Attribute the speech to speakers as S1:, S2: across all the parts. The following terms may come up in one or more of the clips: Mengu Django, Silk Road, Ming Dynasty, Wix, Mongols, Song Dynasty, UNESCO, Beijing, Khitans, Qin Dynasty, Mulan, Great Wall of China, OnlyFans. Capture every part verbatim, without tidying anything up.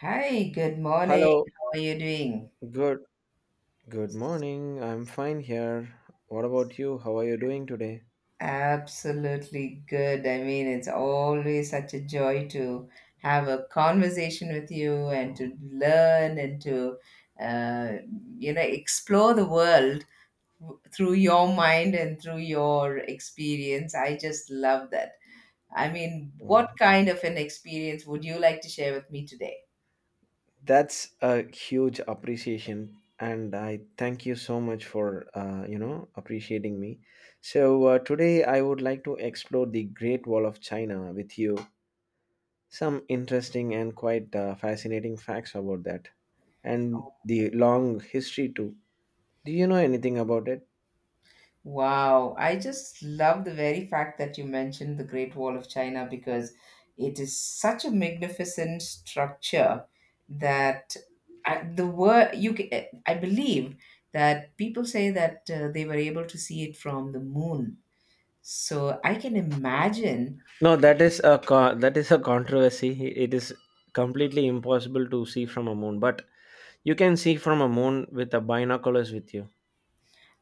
S1: Hi, good morning.
S2: Hello,
S1: How are you doing?
S2: good good morning. I'm fine here. What about you? How are you doing today?
S1: Absolutely good. I mean, it's always such a joy to have a conversation with you and to learn and to, uh, you know, explore the world w- through your mind and through your experience. I just love that. I mean,
S2: Wow.
S1: what kind of an experience would you like to share with me today?
S2: That's a huge appreciation, and I thank you so much for uh, you know appreciating me. So uh, today I would like to explore the Great Wall of China with you. Some interesting and quite uh, fascinating facts about that, and the long history too. Do you know anything about it?
S1: Wow, I just love the very fact that you mentioned the Great Wall of China because it is such a magnificent structure that I, the word you ca- I believe that people say that uh, they were able to see it from the moon. So I can imagine.
S2: No, that is a co- that is a controversy. It is completely impossible to see from a moon, but you can see from a moon with a binoculars with you.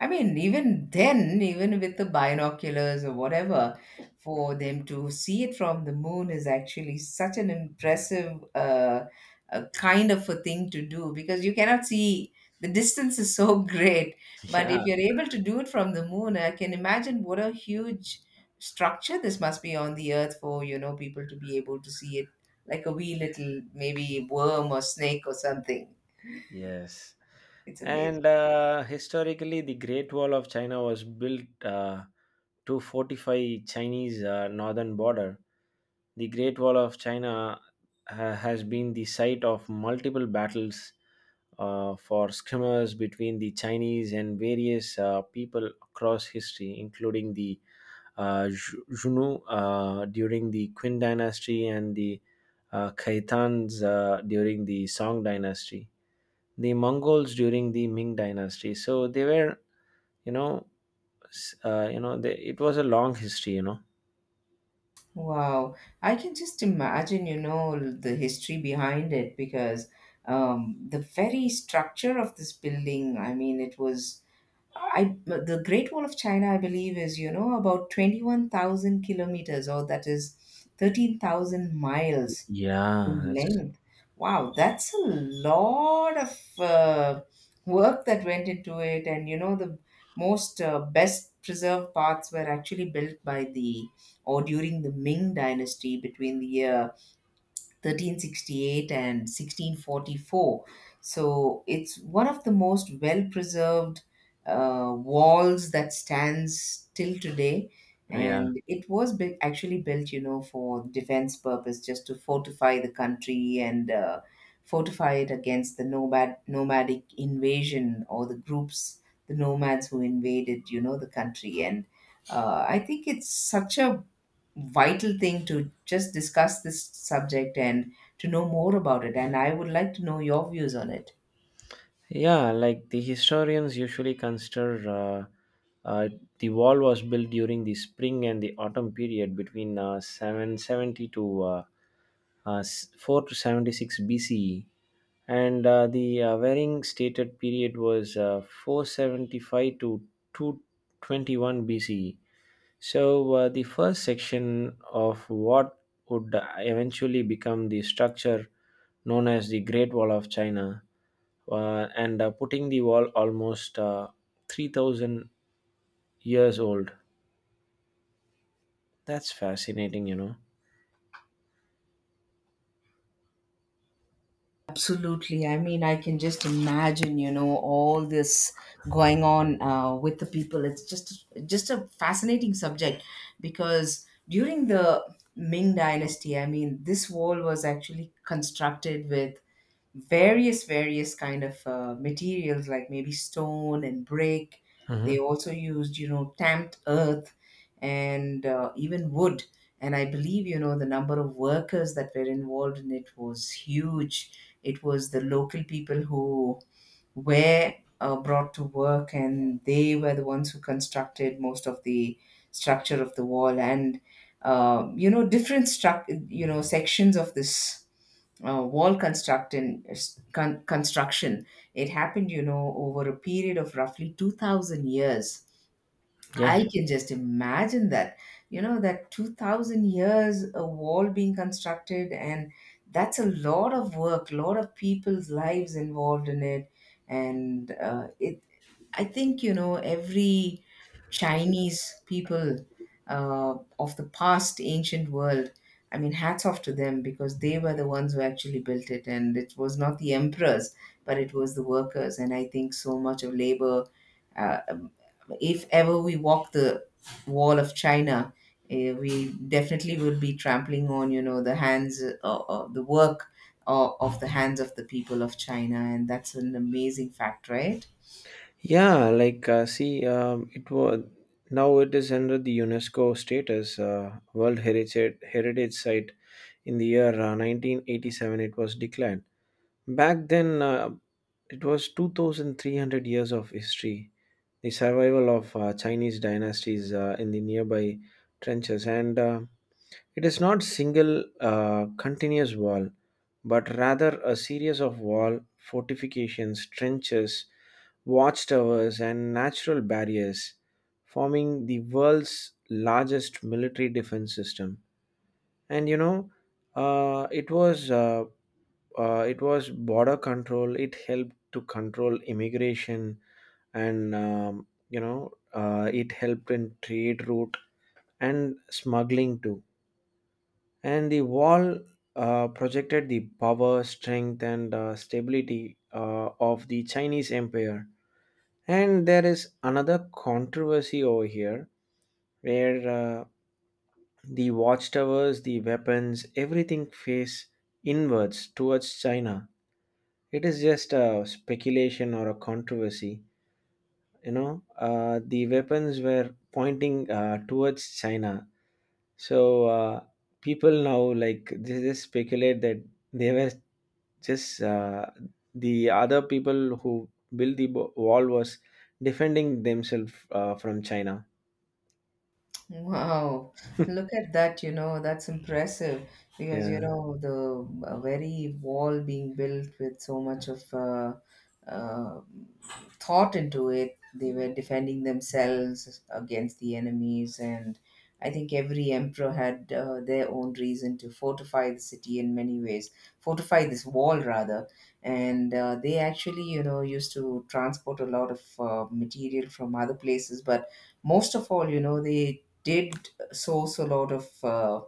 S1: I mean, even then, even with the binoculars or whatever, for them to see it from the moon is actually such an impressive uh, uh, kind of a thing to do because you cannot see, the distance is so great. But if
S2: Yeah.
S1: you're able to do it from the moon, I can imagine what a huge structure this must be on the earth for you know people to be able to see it like a wee little maybe worm or snake or something.
S2: Yes.
S1: It's
S2: And
S1: amazing.
S2: uh, historically, the Great Wall of China was built uh, to fortify Chinese uh, northern border. The Great Wall of China ha- has been the site of multiple battles uh, for skirmishes between the Chinese and various uh, people across history, including the uh, Ju- Junu uh, during the Qin Dynasty and the uh, Khitans uh, during the Song Dynasty, the Mongols during the Ming Dynasty. So they were, you know, s- uh, you know, they, it was a long history, you know.
S1: Wow, I can just imagine, you know, the history behind it because um, the very structure of this building, I mean, it was, I, the Great Wall of China, I believe, is, you know, about twenty-one thousand kilometers, or that is thirteen thousand miles
S2: Yeah,
S1: in
S2: that's,
S1: length. Wow, that's a lot of uh, work that went into it. And you know, the most uh, best preserved parts were actually built by the, or during the Ming Dynasty between the year thirteen sixty-eight and sixteen forty-four. So it's one of the most well preserved uh, walls that stands till today.
S2: yeah.
S1: And it was built, actually built, you know, for defense purpose, just to fortify the country and uh, fortify it against the nomad, nomadic invasion or the groups, the nomads who invaded, you know, the country. And uh, I think it's such a vital thing to just discuss this subject and to know more about it. And I would like to know your views on it.
S2: Yeah, like the historians usually consider uh, uh, the wall was built during the spring and the autumn period between uh, seven seventy to uh, uh, s- four to seventy-six B C E, and uh, the uh, Waring stated period was uh, four seventy-five to two twenty-one B C E. So, uh, the first section of what would eventually become the structure known as the Great Wall of China, uh, and uh, putting the wall almost uh, three thousand years old. That's fascinating, you know.
S1: Absolutely. I mean, I can just imagine, you know, all this going on uh, with the people. It's just just a fascinating subject because during the Ming Dynasty, I mean, this wall was actually constructed with various various kind of uh, materials like maybe stone and brick. They
S2: Hmm.
S1: also used, you know, stamped earth and uh, even wood. And I believe, you know, the number of workers that were involved in it was huge. It was the local people who were uh, brought to work, and they were the ones who constructed most of the structure of the wall. And uh, you know, different struct you know, sections of this uh, wall construction con- construction, it happened, you know, over a period of roughly two thousand years.
S2: Yeah.
S1: I can just imagine that, you know, that two thousand years a wall being constructed, and that's a lot of work, lot of people's lives involved in it. And uh, it I think, you know, every Chinese people uh, of the past ancient world. I mean, hats off to them because they were the ones who actually built it, and it was not the emperors, but it was the workers. And I think so much of labor. Uh, um, if ever we walk the wall of China, eh, we definitely will be trampling on, you know, the hands uh, or the work of, of the hands of the people of China, and that's an amazing fact, right?
S2: Yeah, like uh, see, um, it was now it is under the UNESCO status, uh, World Heritage Heritage Site. In the year uh, nineteen eighty-seven, it was declared. Back then, uh, it was two thousand three hundred years of history, the survival of uh, Chinese dynasties uh, in the nearby trenches. And uh, it is not single uh, continuous wall, but rather a series of wall fortifications, trenches, watchtowers, and natural barriers, forming the world's largest military defense system. And you know, uh, it was uh, uh, it was border control. It helped to control immigration, and um, you know uh, it helped in trade route and smuggling too. And the wall uh, projected the power, strength, and uh, stability uh, of the Chinese empire. And there is another controversy over here, where uh, the watchtowers, the weapons, everything face inwards towards China. It is just a speculation or a controversy. You know, uh, the weapons were pointing uh, towards China. So uh, people now, like, they just speculate that they were just uh, the other people who built the bo- wall was defending themselves uh, from China.
S1: Wow, look at that, you know, that's impressive because, you
S2: Yeah.
S1: know, the uh, very wall being built with so much of uh, uh, thought into it. They were defending themselves against the enemies, and I think every emperor had uh, their own reason to fortify the city in many ways, fortify this wall rather. And uh, they actually, you know, used to transport a lot of uh, material from other places, but most of all, you know, they did source a lot of uh,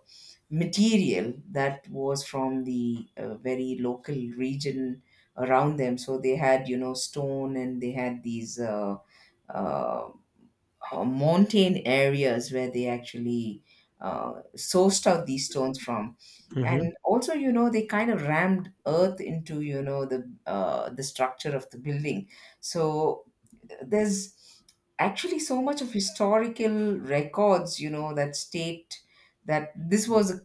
S1: material that was from the uh, very local region around them. So they had, you know, stone, and they had these uh, uh, uh, mountain areas where they actually uh, sourced out these stones from. And
S2: Hmm.
S1: also, you know, they kind of rammed earth into, you know, the uh, the structure of the building. So there's actually so much of historical records, you know, that state that this was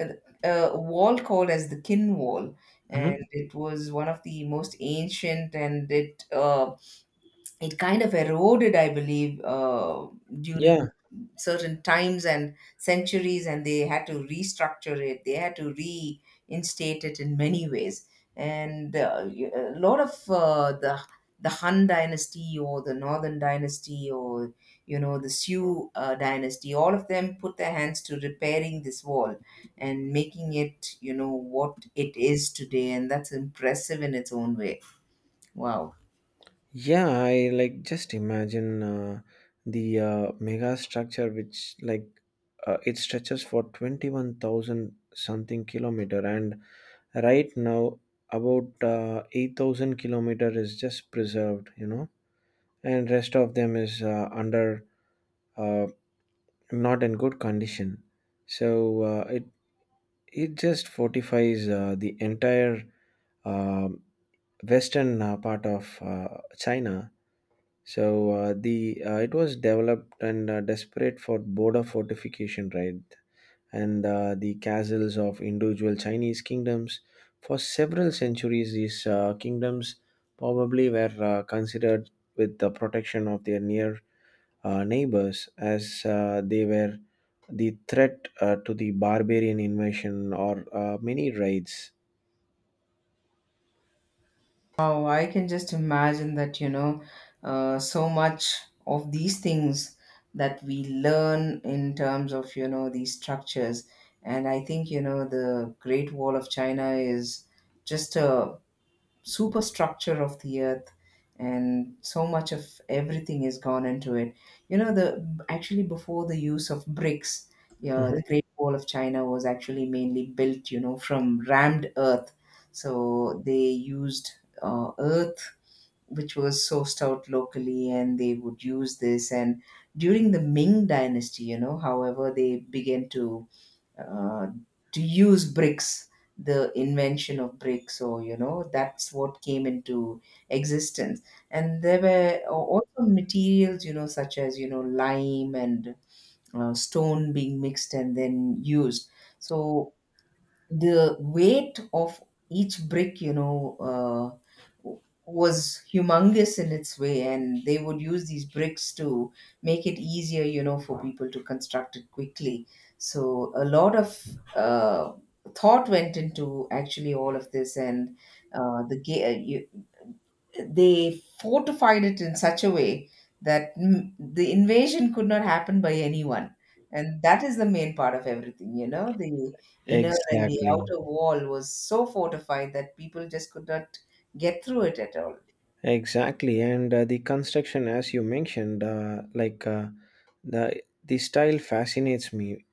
S1: a, a wall called as the Kin Wall, and
S2: Hmm.
S1: it was one of the most ancient, and it uh, it kind of eroded, I believe, uh, during
S2: Yeah.
S1: certain times and centuries, and they had to restructure it. They had to reinstate it in many ways. And uh, y- a lot of uh, the the Han dynasty or the Northern dynasty or, you know, the Sui uh, dynasty, all of them put their hands to repairing this wall and making it, you know, what it is today, and that's impressive in its own way. Wow.
S2: Yeah. I like just imagine uh, the uh, mega structure, which, like, Uh, it stretches for twenty-one thousand something kilometer, and right now about uh, eight thousand kilometer is just preserved, you know, and rest of them is uh, under, uh, not in good condition. So uh, it it just fortifies uh, the entire um western uh, part of uh, China. So uh, the uh, it was developed and uh, desperate for border fortification, right? And uh, the castles of individual Chinese kingdoms. For several centuries, these uh, kingdoms probably were uh, considered with the protection of their near uh, neighbors, as uh, they were the threat uh, to the barbarian invasion or uh, many raids.
S1: Wow, I can just imagine that, you know, uh, so much of these things that we learn in terms of, you know, these structures. And I think, you know, the Great Wall of China is just a superstructure of the earth, and so much of everything is gone into it. You know, the, actually before the use of bricks, yeah,
S2: Mhm.
S1: the Great Wall of China was actually mainly built, you know, from rammed earth. So they used uh, earth which was sourced out locally, and they would use this. And during the Ming Dynasty, you know, however, they began to uh, to use bricks. The invention of bricks, or, you know, that's what came into existence. And there were a- also materials, you know, such as, you know, lime and uh, stone being mixed and then used. So the weight of each brick, you know, uh, w- was humongous in its way, and they would use these bricks to make it easier, you know, for people to construct it quickly. So a lot of uh, thought went into actually all of this. And uh, the ga- uh, you, they fortified it in such a way that mm, the invasion could not happen by anyone. And that is the main part of everything, you know. The inner and the
S2: Exactly.
S1: outer wall was so fortified that people just could not get through it at all.
S2: Exactly, and uh, the construction, as you mentioned, uh, like, uh, the the style fascinates me.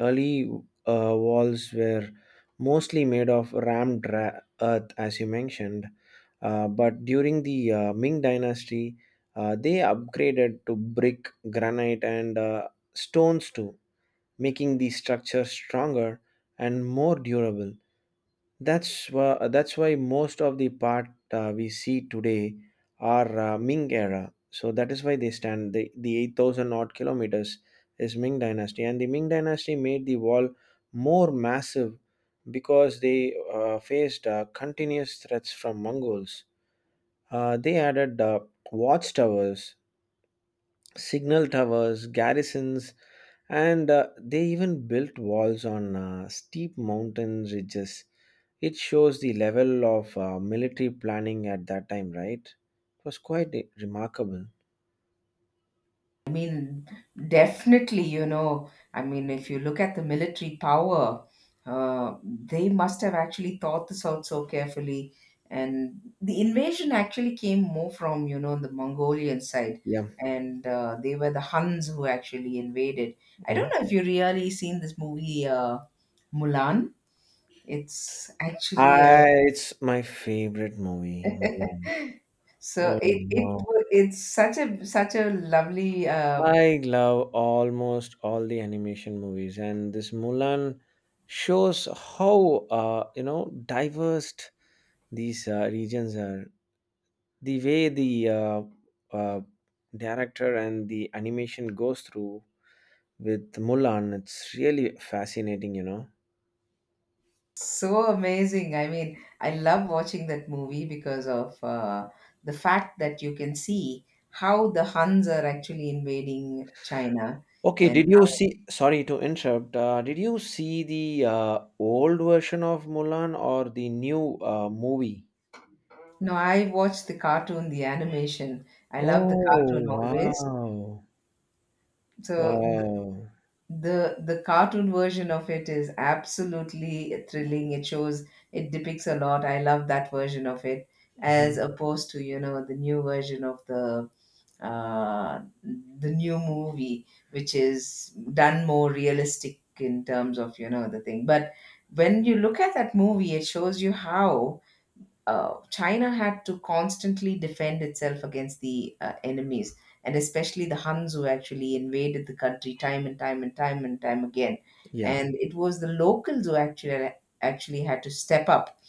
S2: Early uh, walls were mostly made of rammed ra- earth, as you mentioned, uh, but during the uh, Ming Dynasty, uh, they upgraded to brick, granite, and uh, stones too, making the structure stronger and more durable. That's why, that's why most of the part uh, we see today are uh, Ming era. So that is why they stand, the, the eight thousand odd kilometers is Ming dynasty. And the Ming dynasty made the wall more massive because they uh, faced uh, continuous threats from Mongols. Uh, they added uh, watchtowers, signal towers, garrisons, and uh, they even built walls on uh, steep mountain ridges. It shows the level of uh, military planning at that time, right? It was quite i- remarkable.
S1: I mean, definitely, you know, I mean, if you look at the military power, uh, they must have actually thought this out so carefully. And the invasion actually came more from, you know, the Mongolian side.
S2: Yeah.
S1: And uh, they were the Huns who actually invaded. I don't
S2: Mhm.
S1: know if you really seen this movie, uh, Mulan. It's actually
S2: I, it's my favorite movie, Mulan.
S1: a, so
S2: Oh
S1: it, it
S2: no.
S1: wa- it's such a such a lovely uh,
S2: I love almost all the animation movies, and this Mulan shows how, uh, you know diverse these uh, regions are. The way the uh, uh, director and the animation goes through with Mulan, it's really fascinating. You know.
S1: So amazing. I mean, I love watching that movie because of uh, the fact that you can see how the Huns are actually invading China.
S2: Okay,
S1: And
S2: did you see? Sorry to interrupt. Uh, did you see the uh, old version of Mulan or the new uh, movie?
S1: no, I watched the cartoon, the animation. I love the
S2: Oh,
S1: cartoon always.
S2: wow.
S1: So th-
S2: Wow.
S1: the the cartoon version of it is absolutely thrilling. It shows, it depicts a lot. I love that version of it as
S2: Mhm.
S1: opposed to, you know, the new version of the uh, the new movie, which is done more realistic in terms of, you know, the thing. But when you look at that movie, it shows you how uh, China had to constantly defend itself against the uh, enemies, and especially the Huns who actually invaded the country time and time and time and time again.
S2: Yeah,
S1: And it was the locals who actually actually had to step up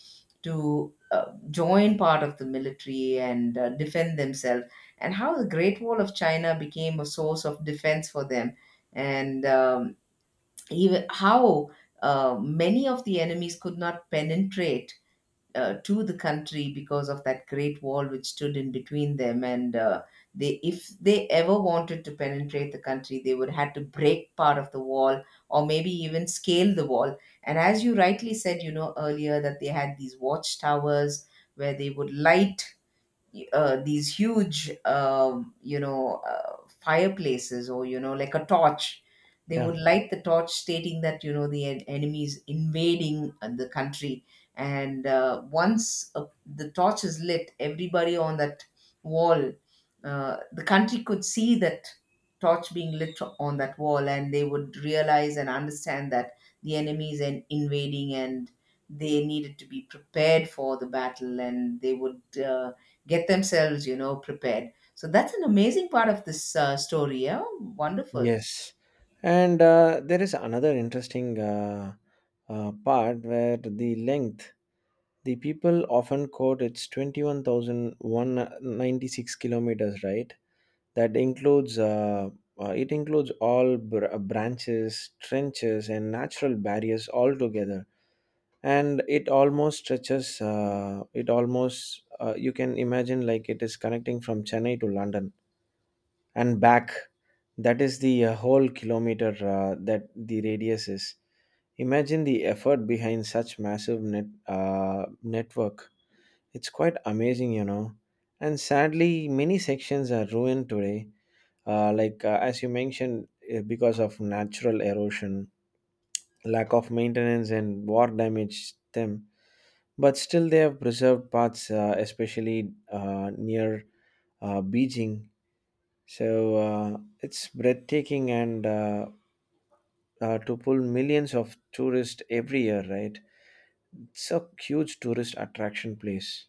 S1: to uh, join part of the military and uh, defend themselves, and how the Great Wall of China became a source of defense for them. And um, even how uh, many of the enemies could not penetrate uh, to the country because of that great wall which stood in between them. And uh, they, if they ever wanted to penetrate the country, they would had to break part of the wall or maybe even scale the wall. And as you rightly said, you know, earlier, that they had these watchtowers where they would light uh, these huge um, you know, uh, fireplaces or, you know, like a torch. They
S2: yeah,
S1: would light the torch stating that, you know, the en- enemy is invading uh, the country. And uh, once uh, the torch is lit, everybody on that wall, uh, the country, could see that torch being lit on that wall, and they would realize and understand that the enemy is in- invading, and they needed to be prepared for the battle, and they would uh, get themselves, you know, prepared. So that's an amazing part of this uh, story. Yeah, wonderful.
S2: yes. And uh, there is another interesting uh, uh, part where the length, the people often quote it's twenty-one thousand one hundred ninety-six kilometers, right? That includes, uh, uh, it includes all br- uh, branches, trenches, and natural barriers all together. And it almost stretches uh, it almost, uh, you can imagine, like, it is connecting from Chennai to London and back. That is the uh, whole kilometer uh, that the radius is. Imagine the effort behind such massive net uh, network. It's quite amazing you know And sadly, many sections are ruined today, uh, like, uh, as you mentioned, uh, because of natural erosion, lack of maintenance, and war damaged them. But still, they have preserved parts, uh, especially uh, near uh, Beijing. So uh, it's breathtaking, and uh, uh, to pull millions of tourists every year, right? It's a huge tourist attraction place.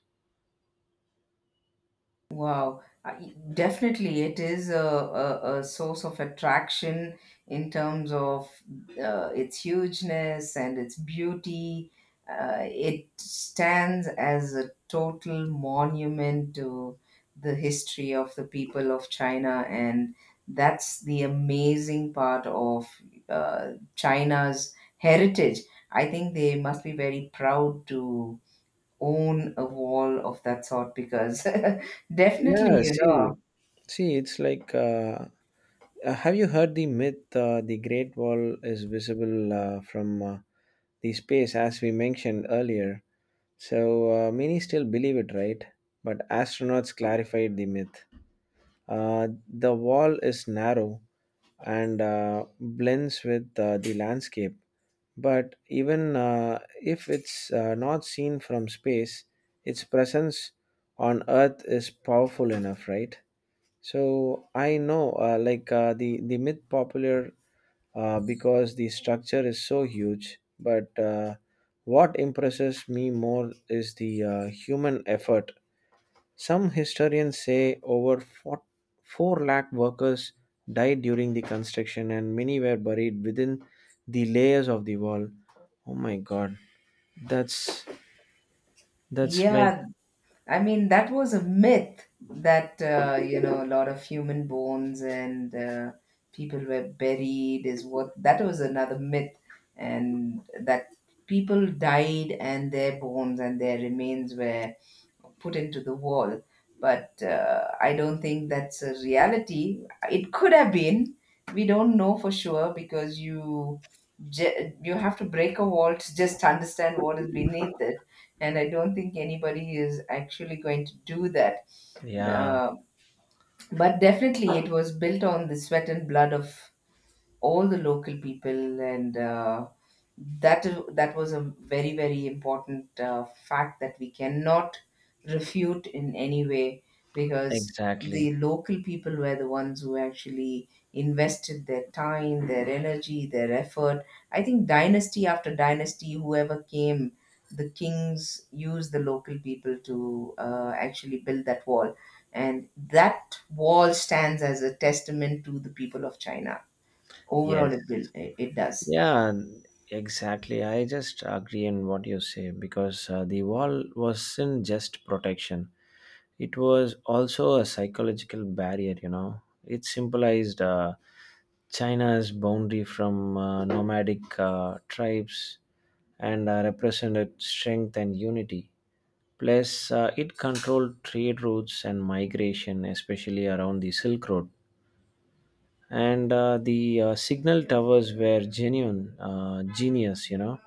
S1: Wow, I definitely, it is a, a, a source of attraction in terms of uh, its hugeness and its beauty. Uh, it stands as a total monument to the history of the people of China, and that's the amazing part of uh, China's heritage. I think they must be very proud to own a wall of that sort because definitely,
S2: Yeah,
S1: you know.
S2: see, see, it's like, uh, uh, have you heard the myth? Uh, the Great Wall is visible uh, from uh, the space, as we mentioned earlier. So uh, many still believe it, right? But astronauts clarified the myth. Uh, the wall is narrow and uh, blends with uh, the landscape. But even uh, if it's uh, not seen from space, its presence on Earth is powerful enough, right? So I know, uh, like, uh, the the myth popular uh, because the structure is so huge. But uh, what impresses me more is the uh, human effort. Some historians say over four, four lakh workers died during the construction, and many were buried within the layers of the wall. Oh my god. That's, that's like
S1: Yeah, I mean, that was a myth that, uh, you know, a lot of human bones and uh, people were buried, is what that was another myth. And that people died and their bones and their remains were put into the wall. But uh, I don't think that's a reality. It could have been. We don't know for sure because you ju- you have to break a wall to just understand what is beneath it. And I don't think anybody is actually going to do that.
S2: yeah,
S1: Uh, but definitely, it was built on the sweat and blood of all the local people, and uh, that is that was a very, very important uh, fact that we cannot refute in any way, because
S2: exactly.
S1: the local people were the ones who actually invested their time, their energy, their effort. I think dynasty after dynasty, whoever came, the kings used the local people to uh, actually build that wall, and that wall stands as a testament to the people of China overall.
S2: Yes.
S1: It will it it does.
S2: Yeah, exactly. I just agree in what you say because uh, the wall wasn't just protection. It was also a psychological barrier, you know. It symbolized uh, China's boundary from uh, nomadic uh, tribes and uh, represented strength and unity. Plus, uh, it controlled trade routes and migration, especially around the Silk Road. And uh, the uh, signal towers were genuine, uh, genius, you know.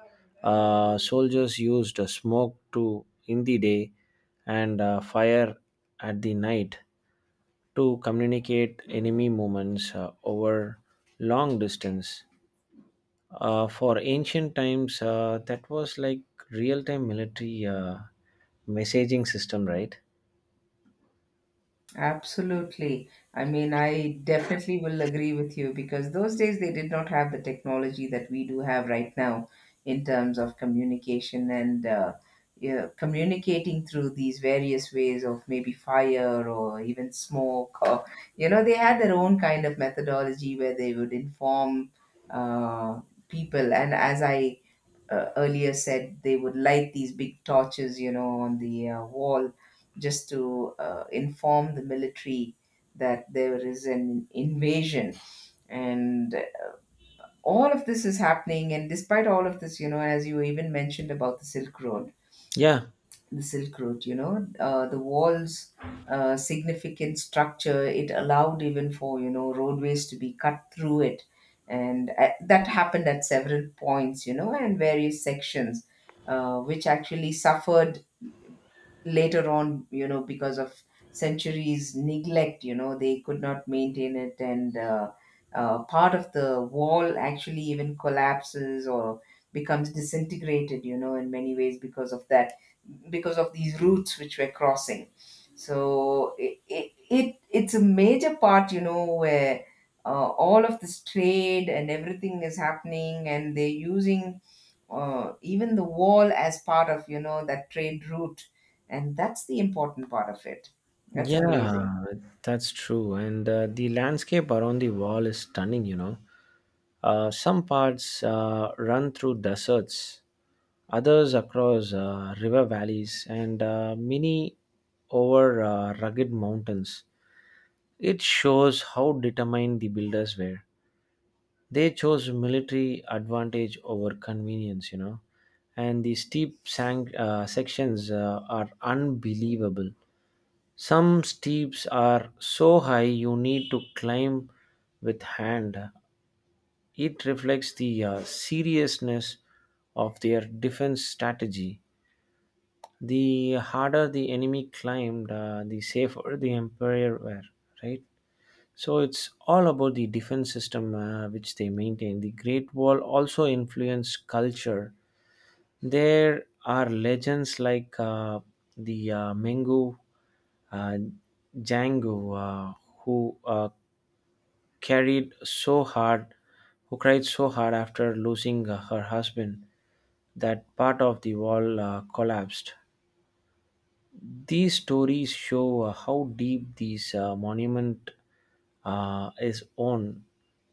S2: Uh, soldiers used uh, smoke to in the day, and uh, fire at the night to communicate enemy movements uh, over long distance. Uh, for ancient times, uh, that was like real time military uh, messaging system, right?
S1: Absolutely. I mean, I definitely will agree with you because those days they did not have the technology that we do have right now in terms of communication, and uh, you know, communicating through these various ways of maybe fire or even smoke, or you know, they had their own kind of methodology where they would inform uh, people. And as I uh, earlier said, they would light these big torches, you know, on the uh, wall just to uh, inform the military that there is an invasion. And all of this is happening. And despite all of this, you know, as you even mentioned about the Silk Road,
S2: Yeah,
S1: the Silk Route, you know, uh, the wall's uh, significant structure, it allowed even for, you know, roadways to be cut through it. And uh, that happened at several points, you know, and various sections, uh, which actually suffered later on, you know, because of centuries' neglect. You know, they could not maintain it, and uh, uh, part of the wall actually even collapses or becomes disintegrated, you know, in many ways because of that, because of these routes which we're crossing. So it, it, it it's a major part, you know, where uh, all of this trade and everything is happening, and they're using uh, even the wall as part of, you know, that trade route. And that's the important part of it. That's amazing.
S2: yeah, that's true. And uh, the landscape around the wall is stunning, you know. Uh, some parts uh, run through deserts, others across uh, river valleys, and uh, many over uh, rugged mountains. It shows how determined the builders were. They chose military advantage over convenience, you know. And the steep sank, uh, sections uh, are unbelievable. Some steeps are so high you need to climb with hand. It reflects the uh, seriousness of their defense strategy. The harder the enemy climbed, uh, the safer the empire were, right? So it's all about the defense system uh, which they maintain. The Great Wall also influenced culture. There are legends like uh, the uh, Mengu uh, Django, uh, who uh, carried so hard, who cried so hard after losing uh, her husband, that part of the wall uh, collapsed. These stories show uh, how deep this uh, monument uh, is on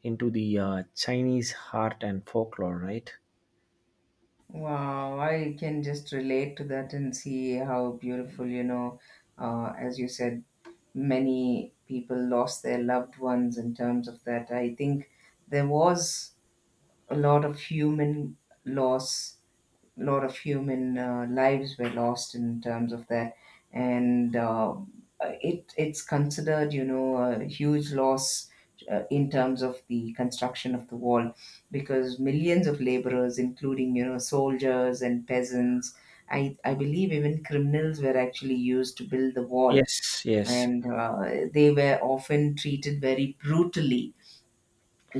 S2: into the uh, Chinese heart and folklore, right?
S1: Wow, I can just relate to that and see how beautiful, you know, uh, as you said, many people lost their loved ones in terms of that. I think there was a lot of human loss, a lot of human uh, lives were lost in terms of that, and uh, it it's considered, you know, a huge loss uh, in terms of the construction of the wall, because millions of laborers, including you know, soldiers and peasants. I, I believe even criminals were actually used to build the wall,
S2: Yes, yes,
S1: and uh, they were often treated very brutally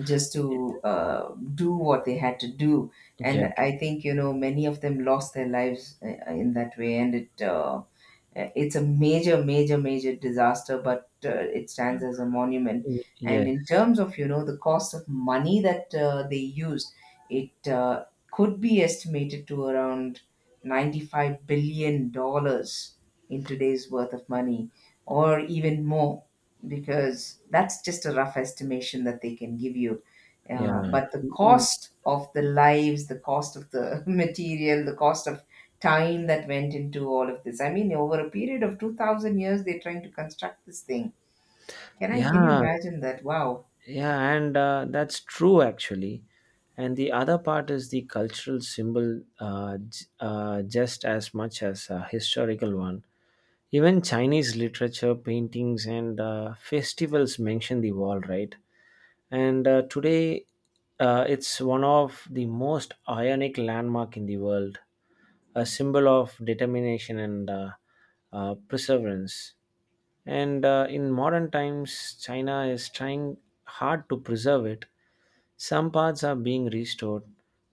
S1: just to uh, do what they had to do. And
S2: yeah,
S1: I think, you know, many of them lost their lives uh, in that way. And it, uh, uh, It's a major, major, major disaster, but uh, it stands as a monument.
S2: y-
S1: And in
S2: yes,
S1: terms of, you know, the cost of money that uh, they used, it uh, could be estimated to around ninety-five billion dollars in today's worth of money, or even more, because that's just a rough estimation that they can give you. Uh,
S2: yeah,
S1: but the
S2: mm,
S1: cost of the lives, the cost of the material, the cost of time that went into all of this. I mean, over a period of two thousand years, they're trying to construct this thing. Can I, can you
S2: yeah,
S1: imagine that? Wow.
S2: yeah, and uh, that's true actually. And the other part is the cultural symbol, uh, j- uh, just as much as a historical one. Even Chinese literature, paintings, and uh, festivals mention the wall, right? And uh, today, uh, it's one of the most iconic landmark in the world, a symbol of determination and uh, uh, perseverance. And uh, in modern times, China is trying hard to preserve it. Some parts are being restored,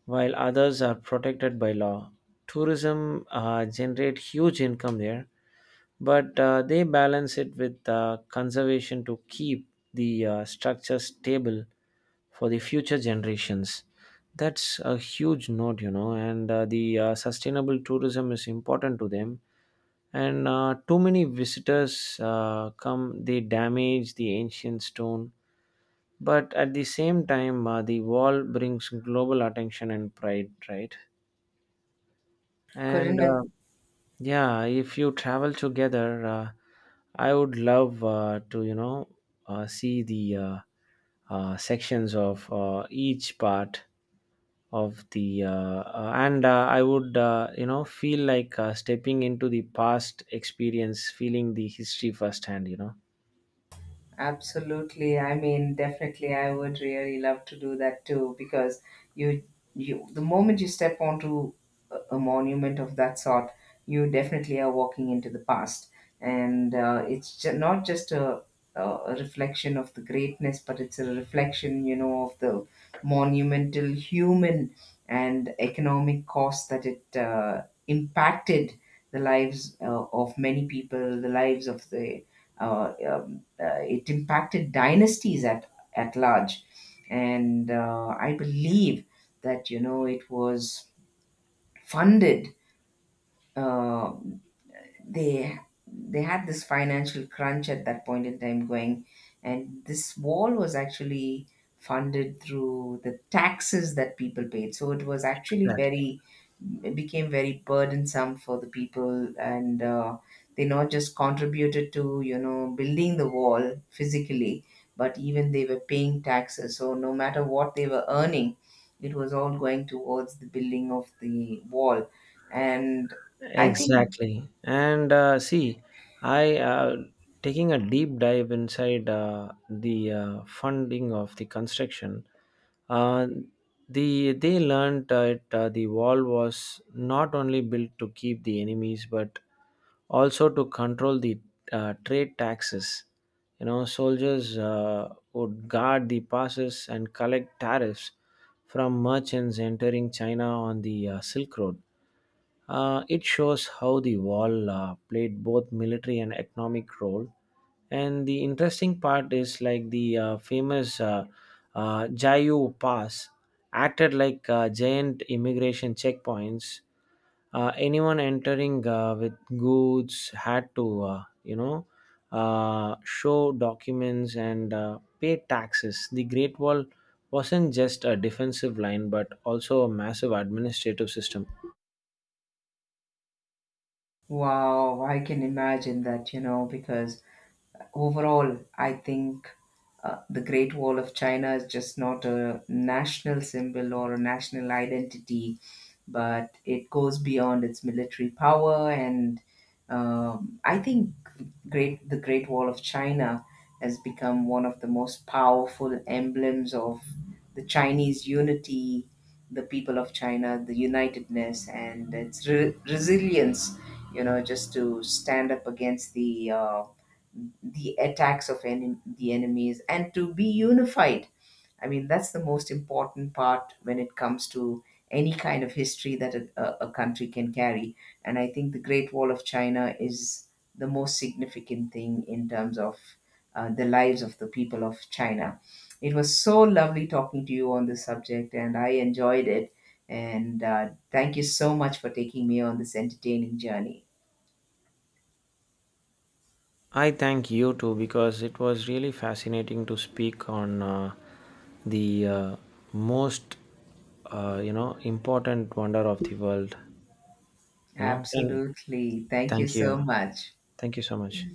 S2: while others are protected by law. Tourism uh, generate huge income there, but uh, they balance it with uh, conservation to keep the uh, structure stable for the future generations. That's a huge note you know And uh, the uh, sustainable tourism is important to them. And uh, too many visitors uh, come, they damage the ancient stone. But at the same time, uh, the wall brings global attention and pride, right? And uh,
S1: Couldn't.
S2: yeah, if you travel together, uh, I would love uh, to, you know, uh, see the uh, uh, sections of uh, each part of the, uh, uh, and uh, I would, uh, you know, feel like uh, stepping into the past experience, feeling the history firsthand, you know.
S1: Absolutely. I mean, definitely, I would really love to do that too, because you, you, the moment you step onto a, a monument of that sort, you definitely are walking into the past, and uh, it's ju- not just a, a reflection of the greatness, but it's a reflection, you know, of the monumental human and economic cost that it uh, impacted the lives uh, of many people, the lives of the uh, um, uh, it impacted dynasties at at large. And uh, I believe that, you know, it was funded uh, they they had this financial crunch at that point in time going, and this wall was actually funded through the taxes that people paid. So it was actually
S2: Exactly.
S1: very, it became very burdensome for the people, and uh, they not just contributed to, you know, building the wall physically, but even they were paying taxes. So no matter what they were earning, it was all going towards the building of the wall. And I think,
S2: Exactly. And uh, see, I uh, taking a deep dive inside uh, the uh, funding of the construction. Uh, the they learned that uh, the wall was not only built to keep the enemies, but also to control the uh, trade taxes. You know, soldiers uh, would guard the passes and collect tariffs from merchants entering China on the uh, Silk Road. Uh, it shows how the wall uh, played both military and economic role. And the interesting part is like the uh, famous uh, uh, Jayu Pass acted like uh, giant immigration checkpoints. Uh, anyone entering uh, with goods had to, uh, you know, uh, show documents and uh, pay taxes. The Great Wall wasn't just a defensive line, but also a massive administrative system.
S1: wow, I can imagine that, you know, because overall, I think uh, the Great Wall of China is just not a national symbol or a national identity, but it goes beyond its military power. And um, I think great the Great Wall of China has become one of the most powerful emblems of the Chinese unity, the people of China, the unitedness, and its re- resilience, you know, just to stand up against the uh, the attacks of en- the enemies, and to be unified. I mean, that's the most important part when it comes to any kind of history that a, a a country can carry. And I think the Great Wall of China is the most significant thing in terms of uh, the lives of the people of China. It was so lovely talking to you on this subject, and I enjoyed it. And uh, thank you so much for taking me on this entertaining journey.
S2: I thank you too because it was really fascinating to speak on uh, the uh, most uh, you know important wonder of the world. You know, thank
S1: Absolutely. Thank you
S2: thank
S1: so
S2: you,
S1: much.
S2: thank you so much.